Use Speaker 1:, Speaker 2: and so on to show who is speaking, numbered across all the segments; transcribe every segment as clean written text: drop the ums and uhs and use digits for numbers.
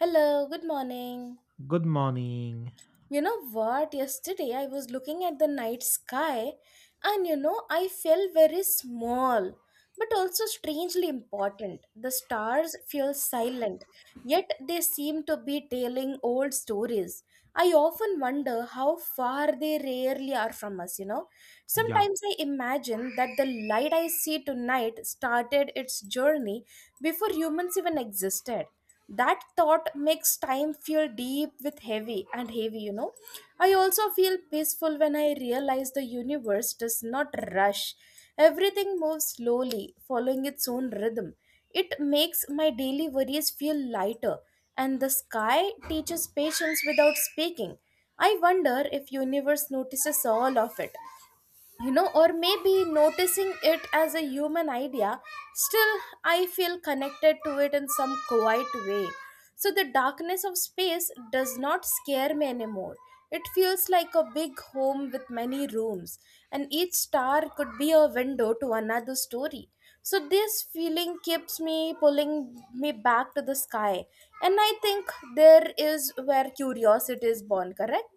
Speaker 1: Hello, good morning.
Speaker 2: Good morning.
Speaker 1: You know what? Yesterday I was looking at the night sky and I felt very small but also strangely important. The stars feel silent, yet they seem to be telling old stories. I often wonder how far they rarely are from us.
Speaker 2: Yeah,
Speaker 1: Sometimes I imagine that the light I see tonight started its journey before humans even existed. That thought makes time feel deep with heavy and heavy. I also feel peaceful when I realize the universe does not rush. Everything moves slowly, following its own rhythm. It makes my daily worries feel lighter, and the sky teaches patience without speaking. I wonder if universe notices all of it or maybe noticing it as a human idea still. I feel connected to it in some quiet way. So the darkness of space does not scare me anymore. It feels like a big home with many rooms, and each star could be a window to another story. So this feeling keeps me pulling me back to the sky, and I think there is where curiosity is born, correct?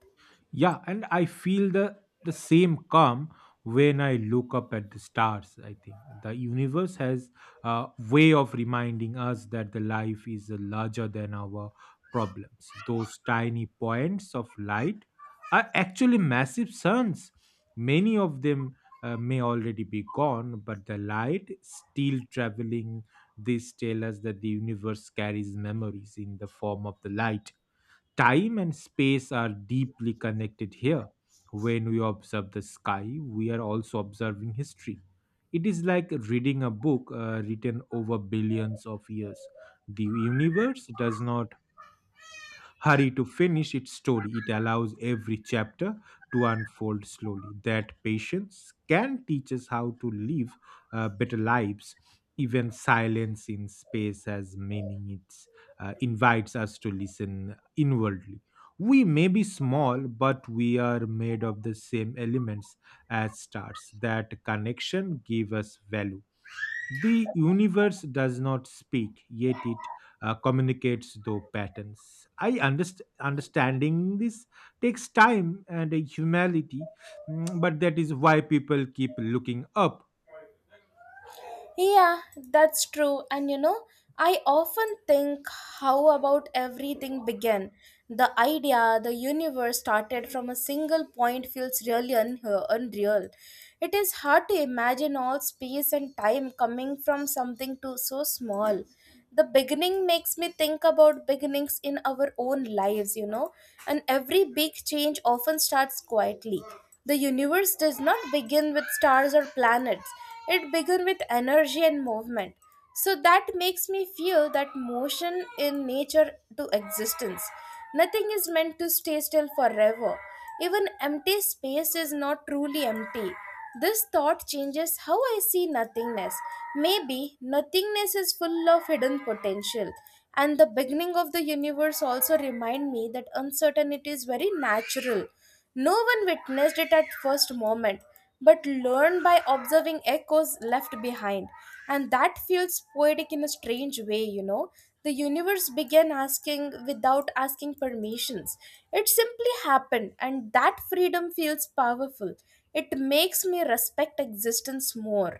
Speaker 2: yeah, and I feel the same calm when I look up at the stars. I think the universe has a way of reminding us that the life is larger than our problems. Those tiny points of light are actually massive suns. Many of them may already be gone, but the light still traveling. This tell us that the universe carries memories in the form of the light. Time and space are deeply connected here. When we observe the sky, we are also observing history. It is like reading a book written over billions of years. The universe does not hurry to finish its story. It allows every chapter to unfold slowly. That patience can teach us how to live better lives. Even silence in space has meaning. It invites us to listen inwardly. We may be small, but we are made of the same elements as stars. That connection give us value. The universe does not speak, yet it communicates through patterns. Understanding this takes time and a humility, but that is why people keep looking up.
Speaker 1: Yeah, that's true. And you know, I often think how about everything began. The idea, the universe started from a single point feels really unreal. It is hard to imagine all space and time coming from something too so small. The beginning makes me think about beginnings in our own lives, and every big change often starts quietly. The universe does not begin with stars or planets. It began with energy and movement. So that makes me feel that motion in nature to existence. Nothing is meant to stay still forever. Even empty space is not truly empty. This thought changes how I see nothingness. Maybe nothingness is full of hidden potential. And the beginning of the universe also remind me that uncertainty is very natural. No one witnessed it at first moment but learn by observing echoes left behind. And that feels poetic in a strange way. The universe began asking without asking permissions. It simply happened, and that freedom feels powerful. It makes me respect existence more.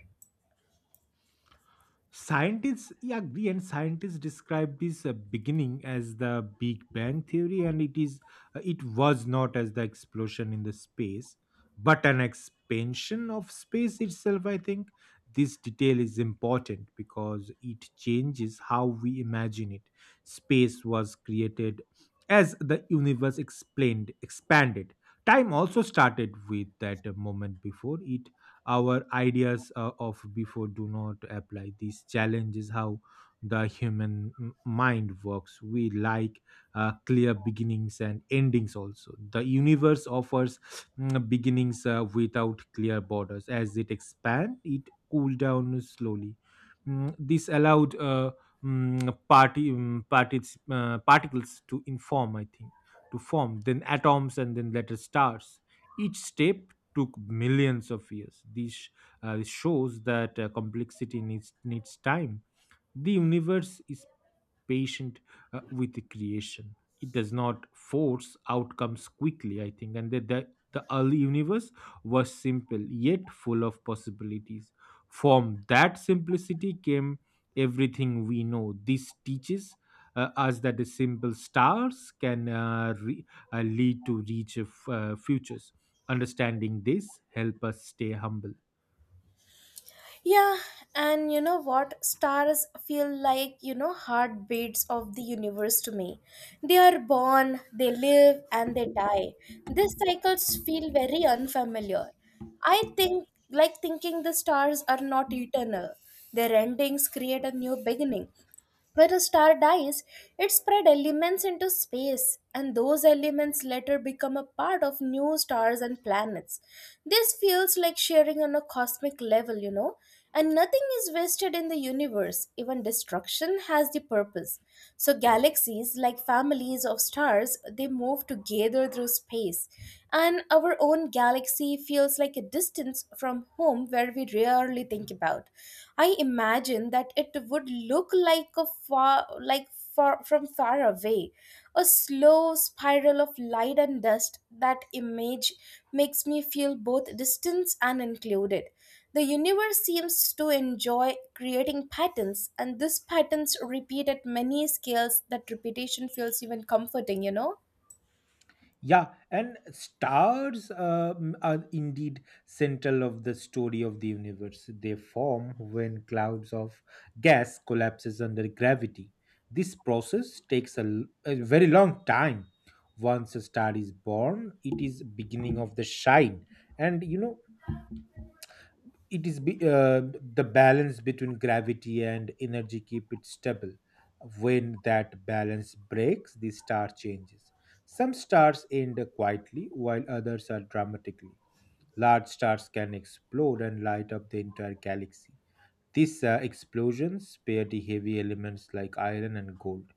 Speaker 2: Scientists, yeah, agree, and scientists describe this beginning as the Big Bang theory, and it was not as the explosion in the space, but an expansion of space itself. I think this detail is important because it changes how we imagine it. Space was created as the universe explained expanded. Time also started with that moment. Before it our ideas of before do not apply. This challenge is how the human mind works. We like clear beginnings and endings also. The universe offers beginnings without clear borders. As it expand, it cool down slowly. This allowed parties, particles to inform, I think to form, then atoms, and then later stars. Each step took millions of years. This shows that complexity needs time. The universe is patient with the creation. It does not force outcomes quickly, I think. And the early universe was simple, yet full of possibilities. From that simplicity came everything we know. This teaches us that the simple stars can lead to rich futures. Understanding this help us stay humble.
Speaker 1: Yeah, and you know what? Stars feel like, heartbeats of the universe to me. They are born, they live, and they die. These cycles feel very unfamiliar. I think, like thinking the stars are not eternal, their endings create a new beginning. When a star dies, it spread elements into space, and those elements later become a part of new stars and planets. This feels like sharing on a cosmic level. And nothing is wasted in the universe, even destruction has the purpose. So, galaxies, like families of stars, they move together through space. And our own galaxy feels like a distance from home where we rarely think about. I imagine that it would look like a far like far from far away, a slow spiral of light and dust. That image makes me feel both distance and included. The universe seems to enjoy creating patterns, and these patterns repeat at many scales that repetition feels even comforting?
Speaker 2: Yeah, and stars are indeed central of the story of the universe. They form when clouds of gas collapses under gravity. This process takes a very long time. Once a star is born, it is beginning of the shine. And you know, it is be, uh, the balance between gravity and energy keep it stable. When that balance breaks, the star changes. Some stars end quietly while others are dramatically. Large stars can explode and light up the entire galaxy. These explosions spare the heavy elements like iron and gold.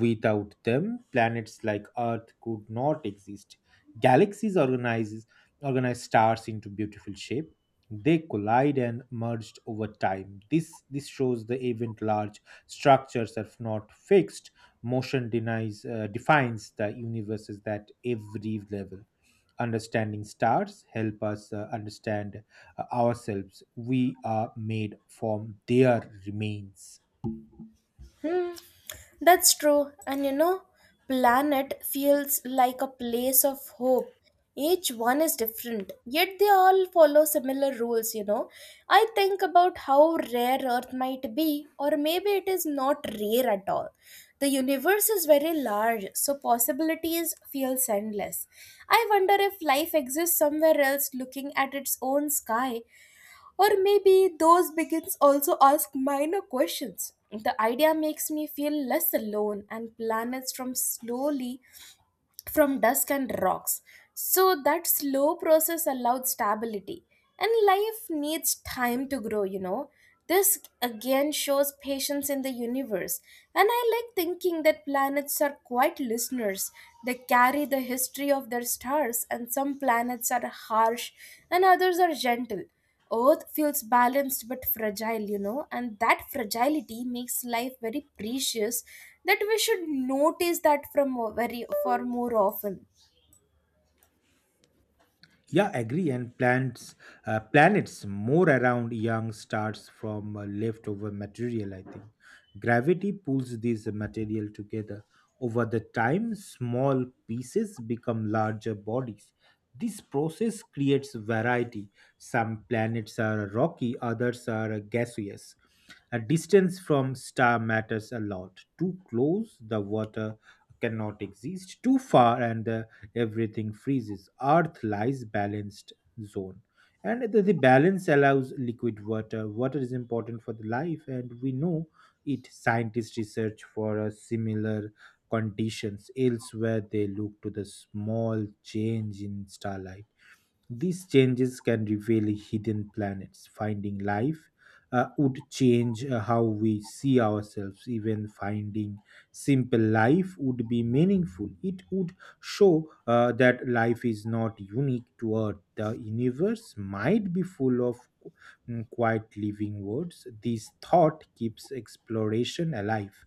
Speaker 2: Without them, planets like Earth could not exist. Galaxies organize stars into beautiful shape. They collide and merged over time. This shows the event large structures are not fixed. Motion denies defines the universes at every level. Understanding stars help us understand ourselves. We are made from their remains.
Speaker 1: Hmm. That's true, and planet feels like a place of hope. Each one is different, yet they all follow similar rules. I think about how rare Earth might be, or maybe it is not rare at all. The universe is very large, so possibilities feel endless. I wonder if life exists somewhere else looking at its own sky or maybe those begins also ask minor questions. The idea makes me feel less alone and planets from slowly from dust and rocks. So that slow process allowed stability. And life needs time to grow. This again shows patience in the universe. And I like thinking that planets are quite listeners. They carry the history of their stars, and some planets are harsh and others are gentle. Earth feels balanced but fragile, and that fragility makes life very precious that we should notice that from a very for more often.
Speaker 2: Yeah, agree. And planets more around young stars from leftover material. I think gravity pulls these material together. Over the time, small pieces become larger bodies. This process creates variety. Some planets are rocky, others are gaseous. A distance from star matters a lot. Too close, the water cannot exist. Too far, and everything freezes. Earth lies balanced zone, and the balance allows liquid water. Water is important for the life, and we know it. Scientists research for a similar conditions elsewhere. They look to the small change in starlight. These changes can reveal hidden planets. Finding life would change how we see ourselves. Even finding simple life would be meaningful. It would show that life is not unique to Earth. The universe might be full of quiet living worlds. This thought keeps exploration alive.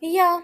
Speaker 1: Yeah,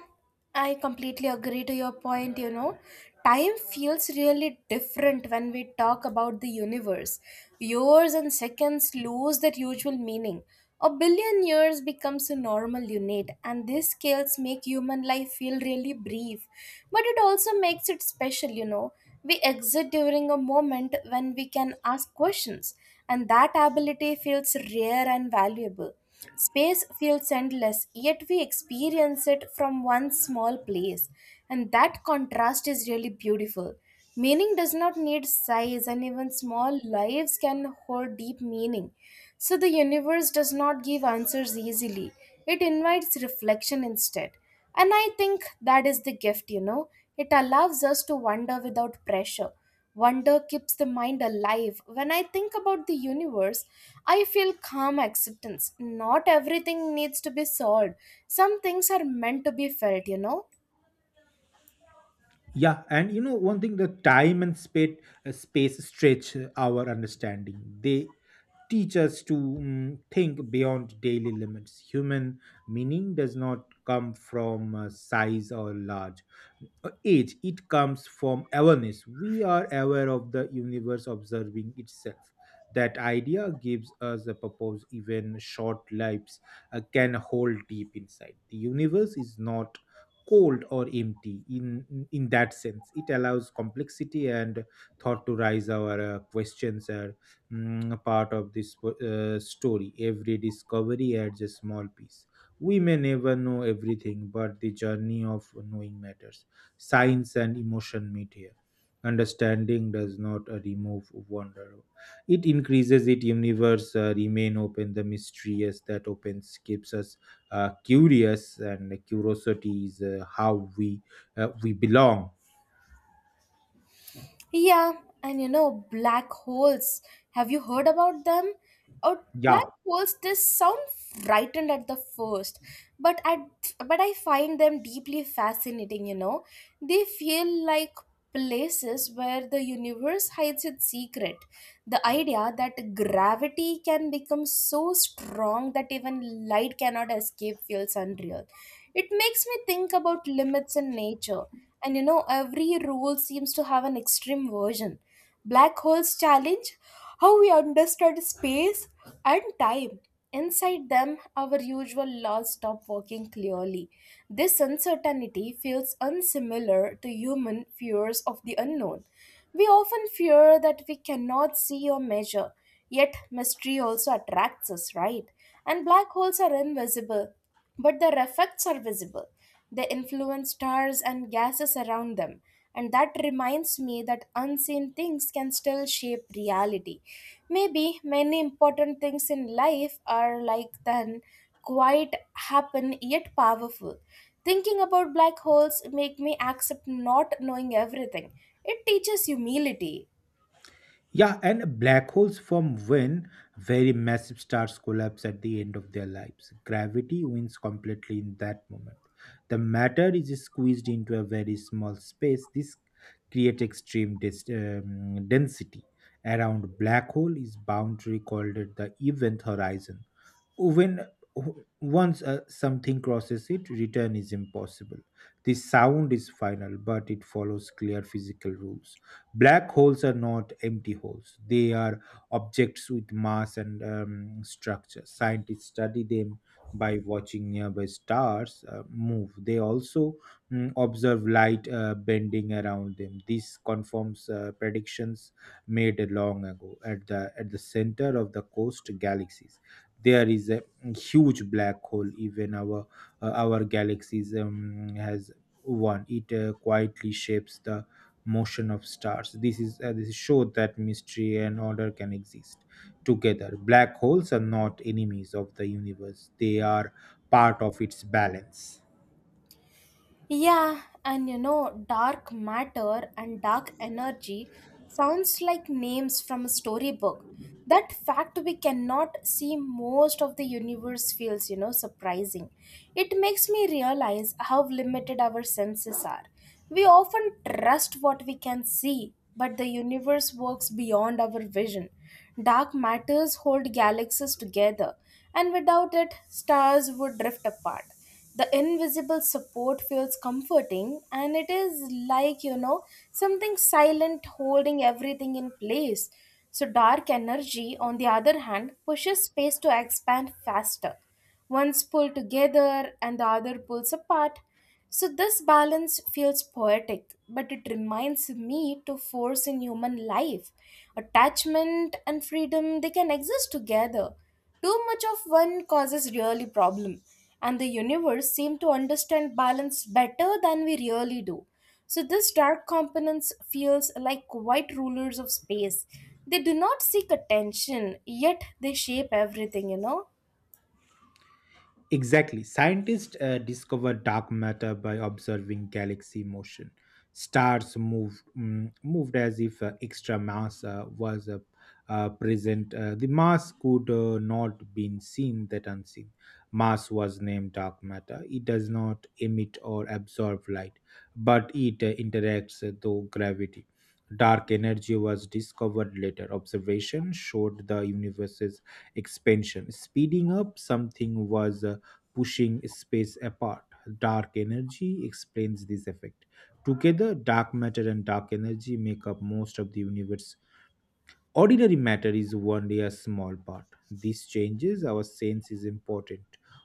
Speaker 1: I completely agree to your point. Time feels really different when we talk about the universe. Years and seconds lose their usual meaning. A billion years becomes a normal unit, and these scales make human life feel really brief. But it also makes it special. We exit during a moment when we can ask questions, and that ability feels rare and valuable. Space feels endless, yet we experience it from one small place, and that contrast is really beautiful. Meaning does not need size, and even small lives can hold deep meaning. So, the universe does not give answers easily, it invites reflection instead. And I think that is the gift. It allows us to wonder without pressure. Wonder keeps the mind alive. When I think about the universe, I feel calm acceptance. Not everything needs to be solved. Some things are meant to be felt.
Speaker 2: Yeah, and you know one thing, the time and space stretch our understanding. They teach us to think beyond daily limits. Human meaning does not come from size or large age. It comes from awareness. We are aware of the universe observing itself. That idea gives us a purpose. Even short lives can hold deep inside. The universe is not cold or empty in that sense. It allows complexity and thought to rise. Our questions are part of this story. Every discovery adds a small piece. We may never know everything, but the journey of knowing matters. Science and emotion meet here. Understanding does not remove wonder, it increases it. Universe remain open. The mysterious that opens keeps us curious, and curiosity is how we belong.
Speaker 1: Yeah, and black holes. Have you heard about them? Oh, black
Speaker 2: yeah
Speaker 1: holes, they sound frightened at the first, but I find them deeply fascinating. They feel like places where the universe hides its secret. The idea that gravity can become so strong that even light cannot escape feels unreal. It makes me think about limits in nature and every rule seems to have an extreme version. Black holes challenge how we understand space and time. Inside them, our usual laws stop working clearly. This uncertainty feels unsimilar to human fears of the unknown. We often fear that we cannot see or measure, yet, mystery also attracts us, right? And black holes are invisible, but their effects are visible. They influence stars and gases around them. And that reminds me that unseen things can still shape reality. Maybe many important things in life are like then quite happen yet powerful. Thinking about black holes make me accept not knowing everything. It teaches humility.
Speaker 2: yeah and black holes form when very massive stars collapse at the end of their lives. Gravity wins completely in that moment. The matter is squeezed into a very small space. This creates extreme density. Around black hole is boundary called it the event horizon. When once uh, something crosses it, return is impossible. The sound is final, but it follows clear physical rules. Black holes are not empty holes, they are objects with mass and structure. Scientists study them by watching nearby stars move. They also observe light bending around them. This confirms predictions made long ago. At the center of the coast galaxies, there is a huge black hole. Even our galaxies has one. It quietly shapes the motion of stars. This showed that mystery and order can exist together. Black holes are not enemies of the universe, they are part of its balance.
Speaker 1: Yeah, and dark matter and dark energy sounds like names from a storybook. That fact we cannot see most of the universe feels, surprising. It makes me realize how limited our senses are. We often trust what we can see, but the universe works beyond our vision. Dark matters hold galaxies together, and without it, stars would drift apart. The invisible support feels comforting, and it is like something silent holding everything in place. So dark energy on the other hand pushes space to expand faster. One's pull together and the other pulls apart. So this balance feels poetic, but it reminds me to force in human life. Attachment and freedom, they can exist together. Too much of one causes really problem, and the universe seem to understand balance better than we really do. So this dark components feels like white rulers of space. They do not seek attention, yet they shape everything?
Speaker 2: Exactly. Scientists discover dark matter by observing galaxy motion. Stars moved as if extra mass was present. The mass could not been seen. That unseen mass was named dark matter. It does not emit or absorb light, but it interacts through gravity. Dark energy was discovered later. Observation showed the universe's expansion, speeding up. Something was pushing space apart. Dark energy explains this effect. Together, dark matter and dark energy make up most of the universe. Ordinary matter is only a small part. This changes our sense is important.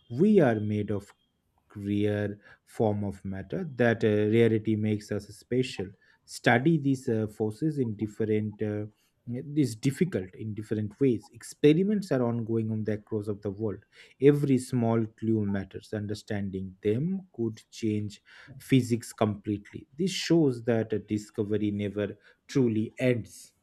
Speaker 2: We are made of rare form of matter. That rarity makes us special. Study these forces in different is difficult in different ways. Experiments are ongoing on the across of the world. Every small clue matters. Understanding them could change physics completely. This shows that a discovery never truly ends.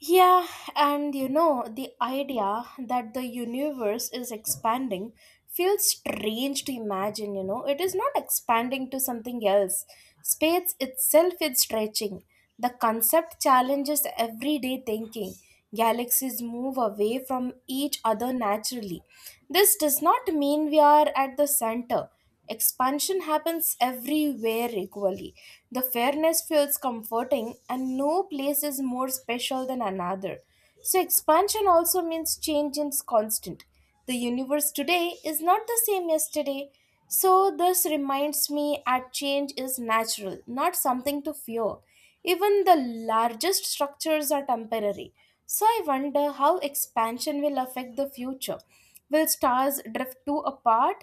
Speaker 1: Yeah, and the idea that the universe is expanding feels strange to imagine. It is not expanding to something else. Space itself is stretching. The concept challenges everyday thinking. Galaxies move away from each other naturally. This does not mean we are at the center. Expansion happens everywhere equally. The fairness feels comforting, and no place is more special than another. So, expansion also means change is constant. The universe today is not the same yesterday. So, this reminds me that change is natural, not something to fear. Even the largest structures are temporary. So, I wonder how expansion will affect the future. Will stars drift too apart?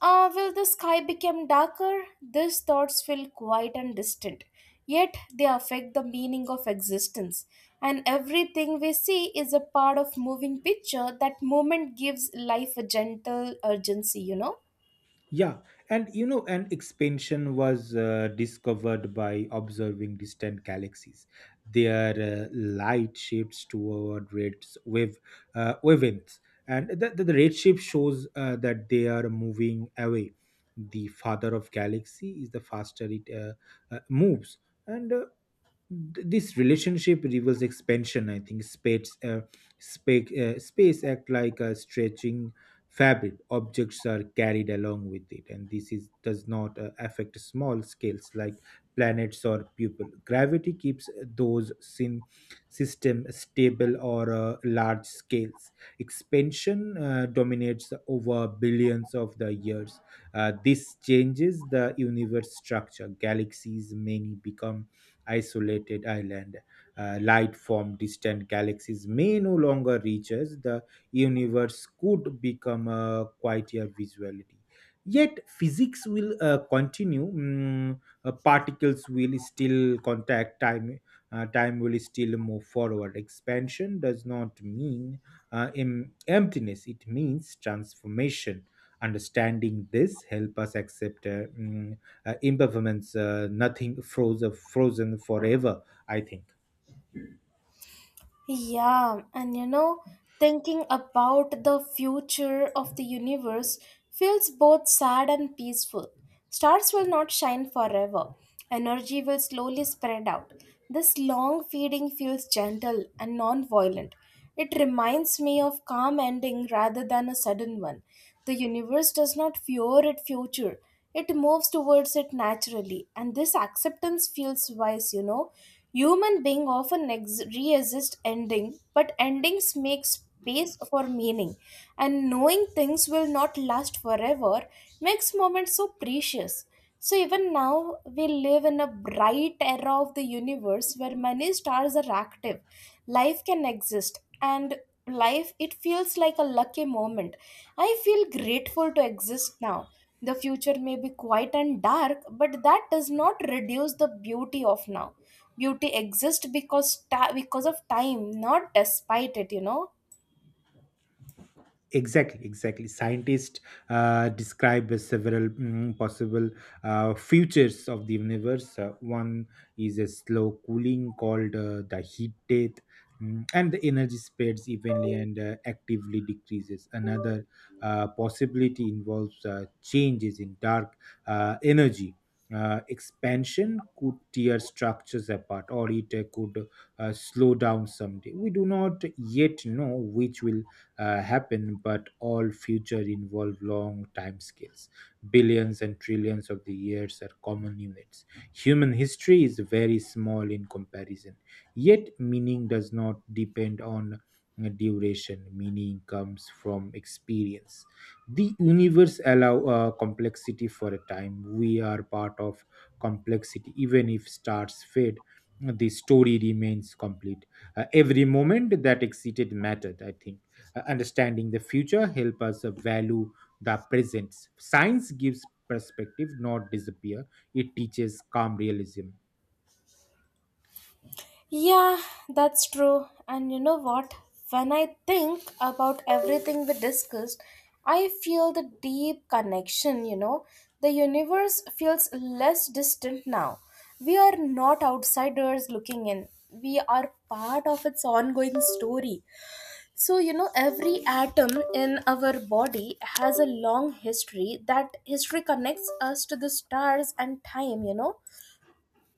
Speaker 1: Ah, well, the sky became darker. These thoughts feel quiet and distant, yet they affect the meaning of existence. And everything we see is a part of moving picture. That moment gives life a gentle urgency.
Speaker 2: Yeah, and you know, an expansion was discovered by observing distant galaxies. Their light shifts toward red wave wavelengths, and the red shift shows that they are moving away. The father of galaxy is the faster it moves, and this relationship reveals expansion. I think space act like a stretching fabric. Objects are carried along with it, and this is does not affect small scales like planets or people. Gravity keeps those sin system stable. Or large scales expansion dominates over billions of the years. This changes the universe structure. Galaxies many become isolated island. Light from distant galaxies may no longer reach us. The universe could become a quieter visuality. Yet physics will continue. Particles will still contact time. Time will still move forward. Expansion does not mean emptiness. It means transformation. Understanding this help us accept environments, nothing frozen forever, I think.
Speaker 1: Yeah, and thinking about the future of the universe feels both sad and peaceful. Stars will not shine forever, energy will slowly spread out. This long feeding feels gentle and non violent. It reminds me of calm ending rather than a sudden one. The universe does not fear its future. It moves towards it naturally, and this acceptance feels wise. Human being often resist ending, but endings make space for meaning, and knowing things will not last forever makes moments so precious. So even now, we live in a bright era of the universe where many stars are active. Life can exist, and life it feels like a lucky moment. I feel grateful to exist now. The future may be quiet and dark, but that does not reduce the beauty of now. Beauty exists because because of time, not despite it.
Speaker 2: Exactly, exactly. Scientists describe as several possible futures of the universe. One is a slow cooling called the heat death, and the energy spreads evenly and actively decreases. Another possibility involves changes in dark energy. Expansion could tear structures apart, or it could slow down someday. We do not yet know which will happen, but all future involve long time scales. Billions and trillions of the years are common units. Human history is very small in comparison. Yet, meaning does not depend on duration. Meaning comes from experience. The universe allow complexity for a time. We are part of complexity, even if stars fade. The story remains complete. Every moment that exceeded mattered, I think. Understanding the future help us value the present. Science gives perspective, not disappear. It teaches calm realism.
Speaker 1: Yeah, that's true. And you know what? When I think about everything we discussed, I feel the deep connection. The universe feels less distant now. We are not outsiders looking in. We are part of its ongoing story. So, every atom in our body has a long history. That history connects us to the stars and time, you know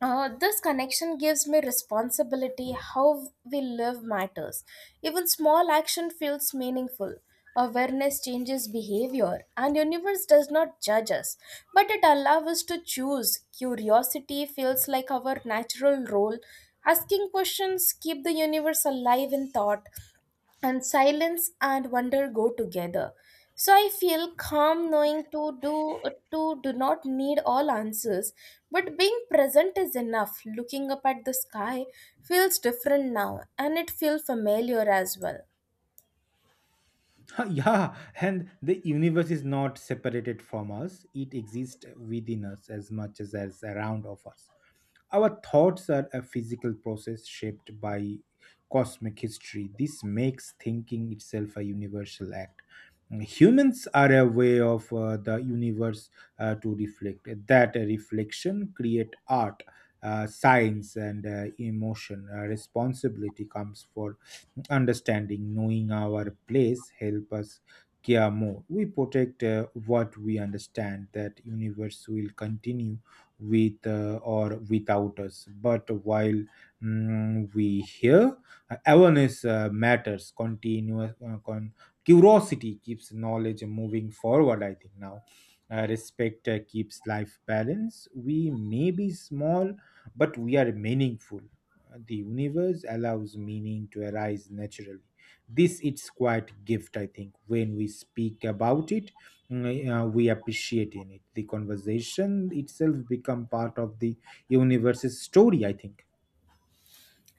Speaker 1: uh, This connection gives me responsibility. How we live matters. Even small action feels meaningful. Awareness changes behavior, and universe does not judge us, but it allows us to choose. Curiosity feels like our natural role. Asking questions keep the universe alive in thought, and silence and wonder go together. So I feel calm knowing to do not need all answers, but being present is enough. Looking up at the sky feels different now, and it feels familiar as well.
Speaker 2: Yeah, and the universe is not separated from us. It exists within us as much as around of us. Our thoughts are a physical process shaped by cosmic history. This makes thinking itself a universal act. Humans are a way of the universe to reflect. That reflection create art, science, and emotion. Responsibility comes for understanding. Knowing our place help us care more. We protect what we understand. That universe will continue with or without us, but while we hear awareness matters. Continuous curiosity keeps knowledge moving forward, I think. Now respect keeps life balance. We may be small, but we are meaningful. The universe allows meaning to arise naturally. This it's quite gift, I think. When we speak about it, we appreciate in it. The conversation itself become part of the universe's story, I think.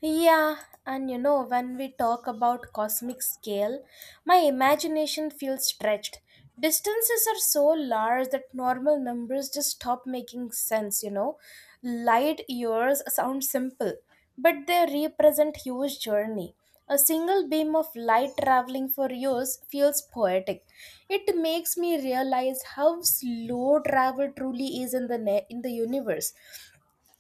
Speaker 1: Yeah, and when we talk about cosmic scale, my imagination feels stretched. Distances are so large that normal numbers just stop making sense. Light years sound simple, but they represent huge journey. A single beam of light traveling for years feels poetic. It makes me realize how slow travel truly is in in the universe.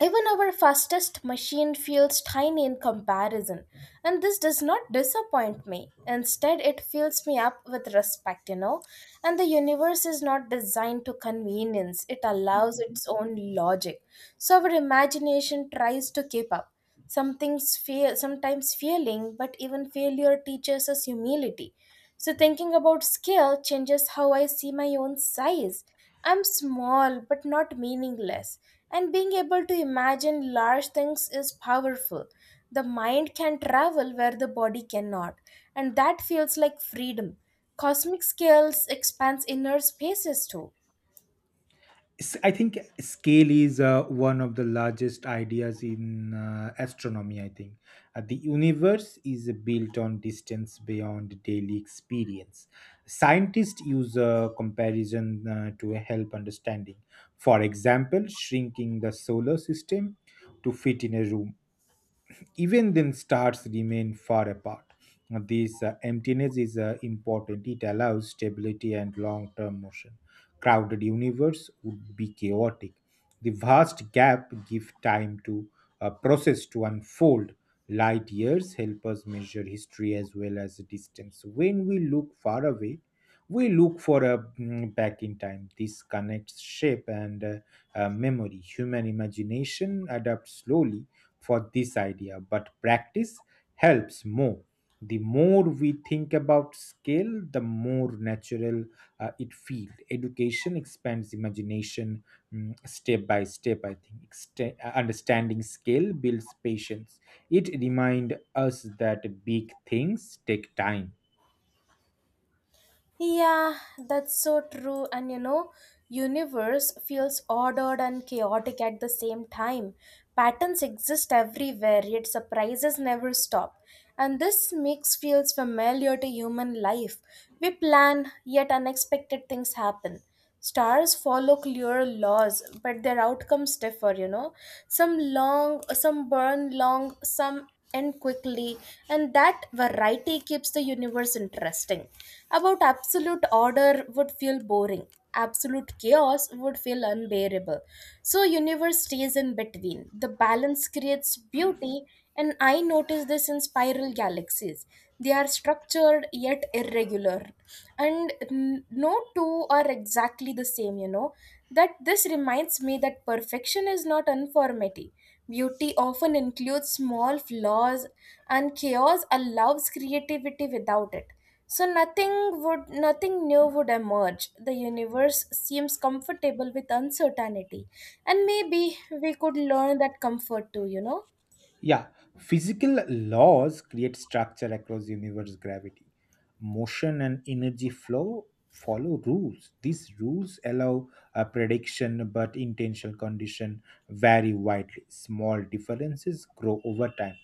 Speaker 1: Even our fastest machine feels tiny in comparison, and this does not disappoint me. Instead, it fills me up with respect. And the universe is not designed to convenience, it allows its own logic. So, our imagination tries to keep up. Some things fail, sometimes failing, but even failure teaches us humility. So, thinking about scale changes how I see my own size. I'm small but not meaningless, and being able to imagine large things is powerful. The mind can travel where the body cannot, and that feels like freedom. Cosmic scales expands inner spaces too.
Speaker 2: I think scale is one of the largest ideas in astronomy. I think the universe is built on distance beyond daily experience. Scientists use a comparison to help understanding. For example, shrinking the solar system to fit in a room, even then stars remain far apart. Now, this emptiness is important. It allows stability and long term motion. Crowded universe would be chaotic. The vast gap give time to a process to unfold. Light years help us measure history as well as distance. When we look far away, we look for a back in time. This connects shape and memory. Human imagination adapts slowly for this idea, but practice helps more. The more we think about scale, the more natural it feels. Education expands imagination step by step, I think. Understanding scale builds patience. It reminds us that big things take time.
Speaker 1: Yeah, that's so true. And universe feels ordered and chaotic at the same time. Patterns exist everywhere, yet surprises never stop. And this mix feels familiar to human life. We plan, yet unexpected things happen. Stars follow clear laws, but their outcomes differ. Some long, some burn long, some end quickly, and that variety keeps the universe interesting. About absolute order would feel boring, absolute chaos would feel unbearable, so universe stays in between. The balance creates beauty, and I notice this in spiral galaxies. They are structured yet irregular, and no two are exactly the same, you know. That this reminds me that perfection is not uniformity. Beauty often includes small flaws, and chaos allows creativity without it. So nothing new would emerge. The universe seems comfortable with uncertainty. And maybe we could learn that comfort too, you know?
Speaker 2: Yeah, physical laws create structure across universe gravity. Motion and energy flow follow rules. These rules allow a prediction, but intentional condition vary widely. Small differences grow over time.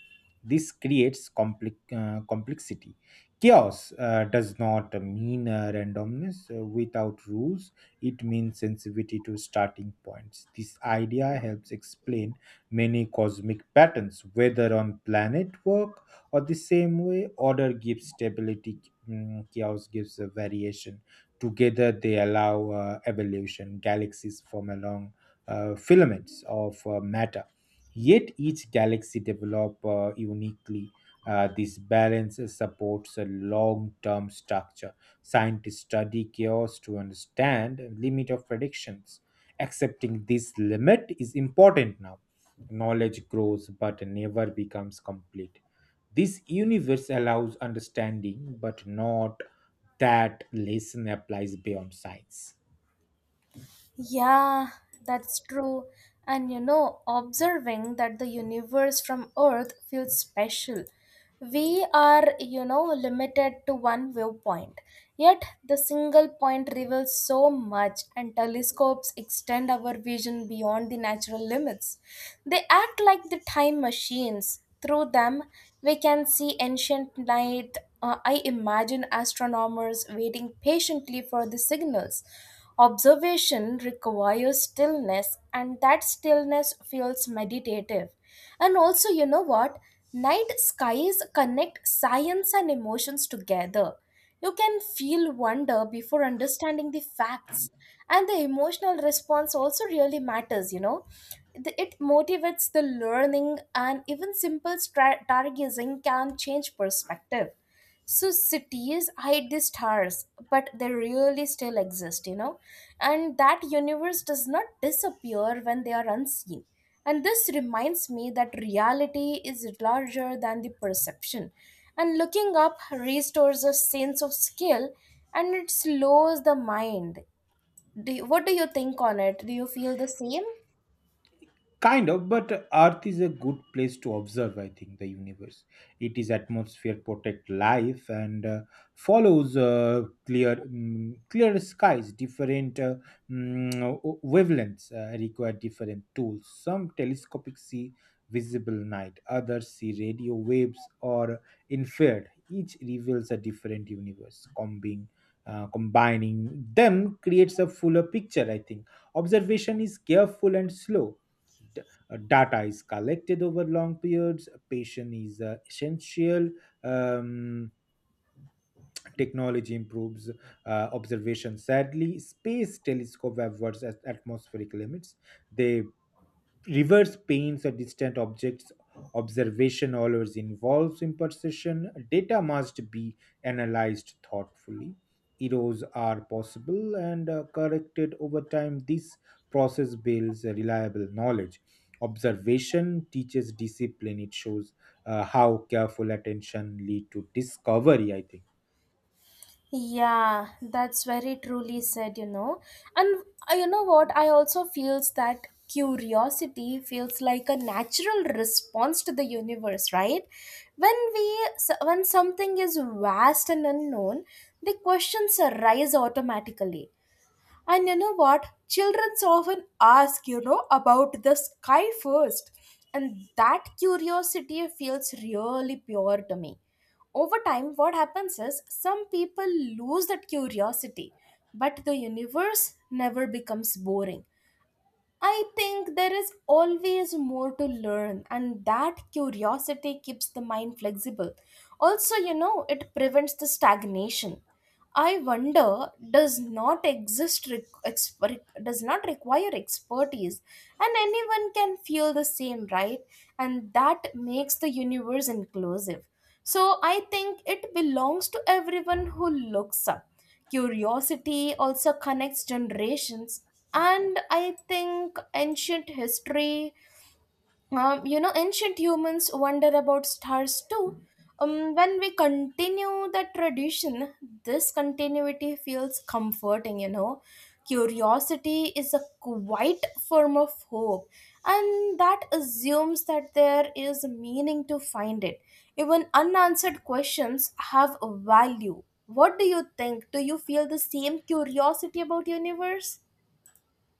Speaker 2: This creates complexity. Chaos does not mean randomness. Without rules, it means sensitivity to starting points. This idea helps explain many cosmic patterns, whether on planet work or the same way. Order gives stability, chaos gives a variation. Together, they allow evolution. Galaxies form along filaments of matter. Yet each galaxy develop uniquely. This balance supports a long-term structure. Scientists study chaos to understand limit of predictions. Accepting this limit is important now. Knowledge grows but never becomes complete. This universe allows understanding, but not that lesson applies beyond science.
Speaker 1: Yeah, that's true. And observing that the universe from Earth feels special. We are, you know, limited to one viewpoint. Yet, the single point reveals so much, and telescopes extend our vision beyond the natural limits. They act like the time machines. Through them, we can see ancient night. I imagine astronomers waiting patiently for the signals. Observation requires stillness, and that stillness feels meditative. And also, you know what? Night skies connect science and emotions together. You can feel wonder before understanding the facts, and the emotional response also really matters, you know. It motivates the learning, and even simple stargazing can change perspective. So cities hide the stars, but they really still exist, you know. And that universe does not disappear when they are unseen. And this reminds me that reality is larger than the perception. And looking up restores a sense of skill, and it slows the mind. What do you think on it? Do you feel the same?
Speaker 2: Kind of, but Earth is a good place to observe, I think, the universe. It is atmosphere protect life and follows clear clear skies. Different mm, wavelengths require different tools. Some telescopic see visible night, others see radio waves or infrared. Each reveals a different universe. Combining them creates a fuller picture, I think. Observation is careful and slow. d- Data is collected over long periods. Patient is essential. um, Technology improves uh, observation. Sadly, space telescope have avoids atmospheric limits. They reverse paints a distant object's observation. Always involves imperfection. Data must be analyzed thoughtfully. Errors are possible and corrected over time. This process builds a reliable knowledge. Observation teaches discipline. It shows how careful attention lead to discovery, I think.
Speaker 1: Yeah, that's very truly said, you know. And you know what? I also feels that curiosity feels like a natural response to the universe, right? When when something is vast and unknown, the questions arise automatically. And you know what? Children often ask, you know, about the sky first. And that curiosity feels really pure to me. Over time, what happens is some people lose that curiosity, but the universe never becomes boring. I think there is always more to learn, and that curiosity keeps the mind flexible. Also, you know, it prevents the stagnation. I wonder does not exist does not require expertise, and anyone can feel the same, right? And that makes the universe inclusive. So I think it belongs to everyone who looks up. Curiosity also connects generations, and I think ancient history you know, ancient humans wonder about stars too. When we continue the tradition, this continuity feels comforting, you know. Curiosity is a quite form of hope, and that assumes that there is meaning to find it. Even unanswered questions have value. What do you think? Do you feel the same curiosity about universe?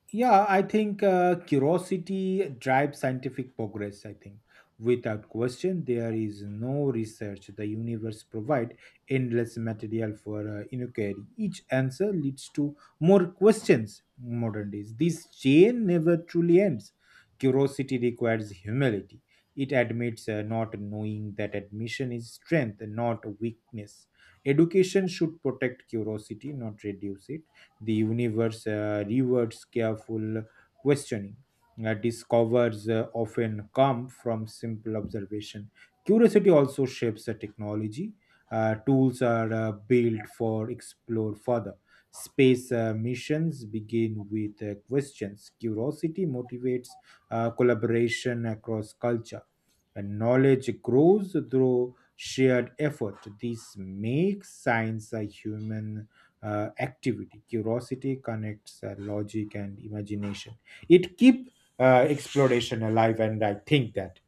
Speaker 2: Yeah, I think curiosity drives scientific progress. I think without question, there is no research. The universe provide endless material for inquiry. Each answer leads to more questions. Modern days, this chain never truly ends. Curiosity requires humility. It admits not knowing. That admission is strength, not weakness. Education should protect curiosity, not reduce it. The universe rewards careful questioning. Discovers often come from simple observation. Curiosity also shapes the technology. Tools are built for explore further. Space missions begin with questions. Curiosity motivates collaboration across culture. And knowledge grows through shared effort. This makes science a human activity. Curiosity connects logic and imagination. It keeps exploration alive, and I think that.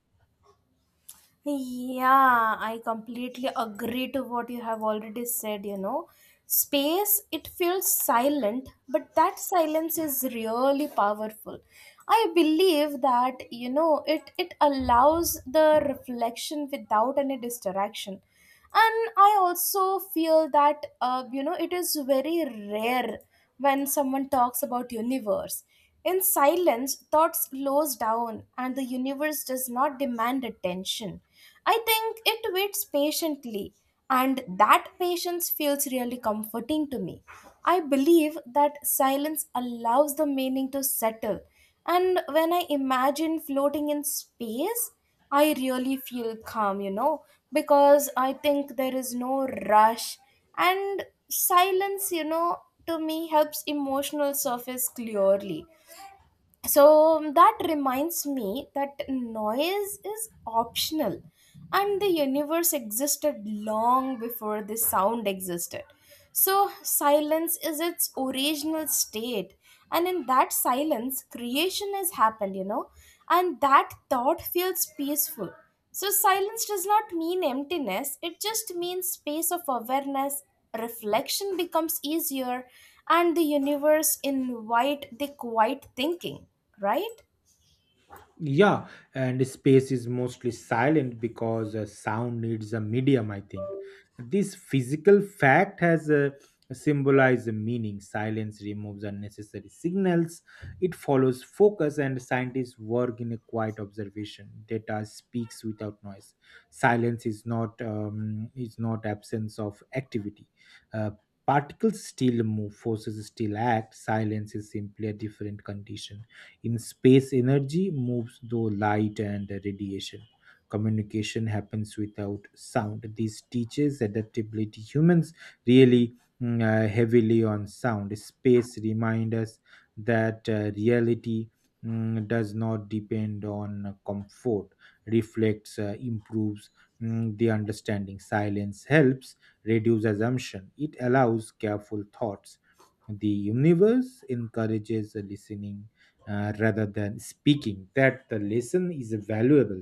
Speaker 1: Yeah, I completely agree to what you have already said, you know. Space, it feels silent, but that silence is really powerful. I believe that, you know, it allows the reflection without any distraction. And I also feel that, you know, it is very rare when someone talks about universe. In silence, thoughts slows down and the universe does not demand attention. I think it waits patiently, and that patience feels really comforting to me. I believe that silence allows the meaning to settle, and when I imagine floating in space, I really feel calm, you know, because I think there is no rush, and silence, you know, to me helps emotional surface clearly. So that reminds me that noise is optional, and the universe existed long before the sound existed. So silence is its original state, and in that silence creation has happened, you know, and that thought feels peaceful. So, silence does not mean emptiness, it just means space of awareness. Reflection becomes easier, and the universe invite the quiet thinking, right?
Speaker 2: Yeah, and space is mostly silent because sound needs a medium, I think. This physical fact has a symbolized meaning. Silence removes unnecessary signals, it follows focus, and scientists work in a quiet observation. Data speaks without noise. Silence is not absence of activity. Uh, particles still move, forces still act. Silence is simply a different condition. In space, energy moves through light and radiation. Communication happens without sound. This teaches adaptability. Humans really heavily on sound. Space reminds us that reality does not depend on comfort, reflects, improves the understanding. Silence helps reduce assumption, it allows careful thoughts. The universe encourages listening rather than speaking. That the lesson is valuable.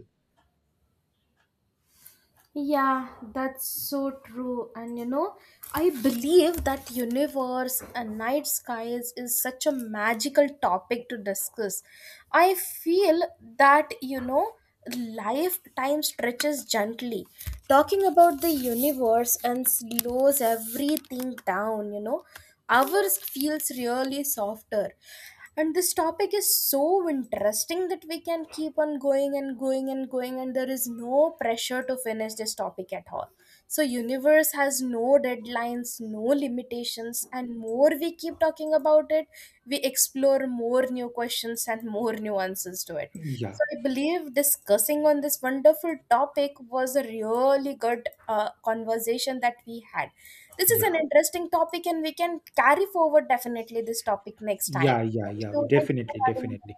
Speaker 1: Yeah, that's so true. And I believe that universe and night skies is such a magical topic to discuss. I feel that, you know, lifetime stretches gently. Talking about the universe and slows everything down, you know, ours feels really softer, and this topic is so interesting that we can keep on going and going and going, and there is no pressure to finish this topic at all. So universe has no deadlines, no limitations, and more we keep talking about it, we explore more new questions and more nuances to it.
Speaker 2: yeah
Speaker 1: So I believe discussing on this wonderful topic was a really good conversation that we had. This is an
Speaker 2: yeah
Speaker 1: interesting topic, and we can carry forward definitely this topic next time.
Speaker 2: yeah,
Speaker 1: Thank you. Thank you for
Speaker 2: definitely,
Speaker 1: having me.
Speaker 2: definitely.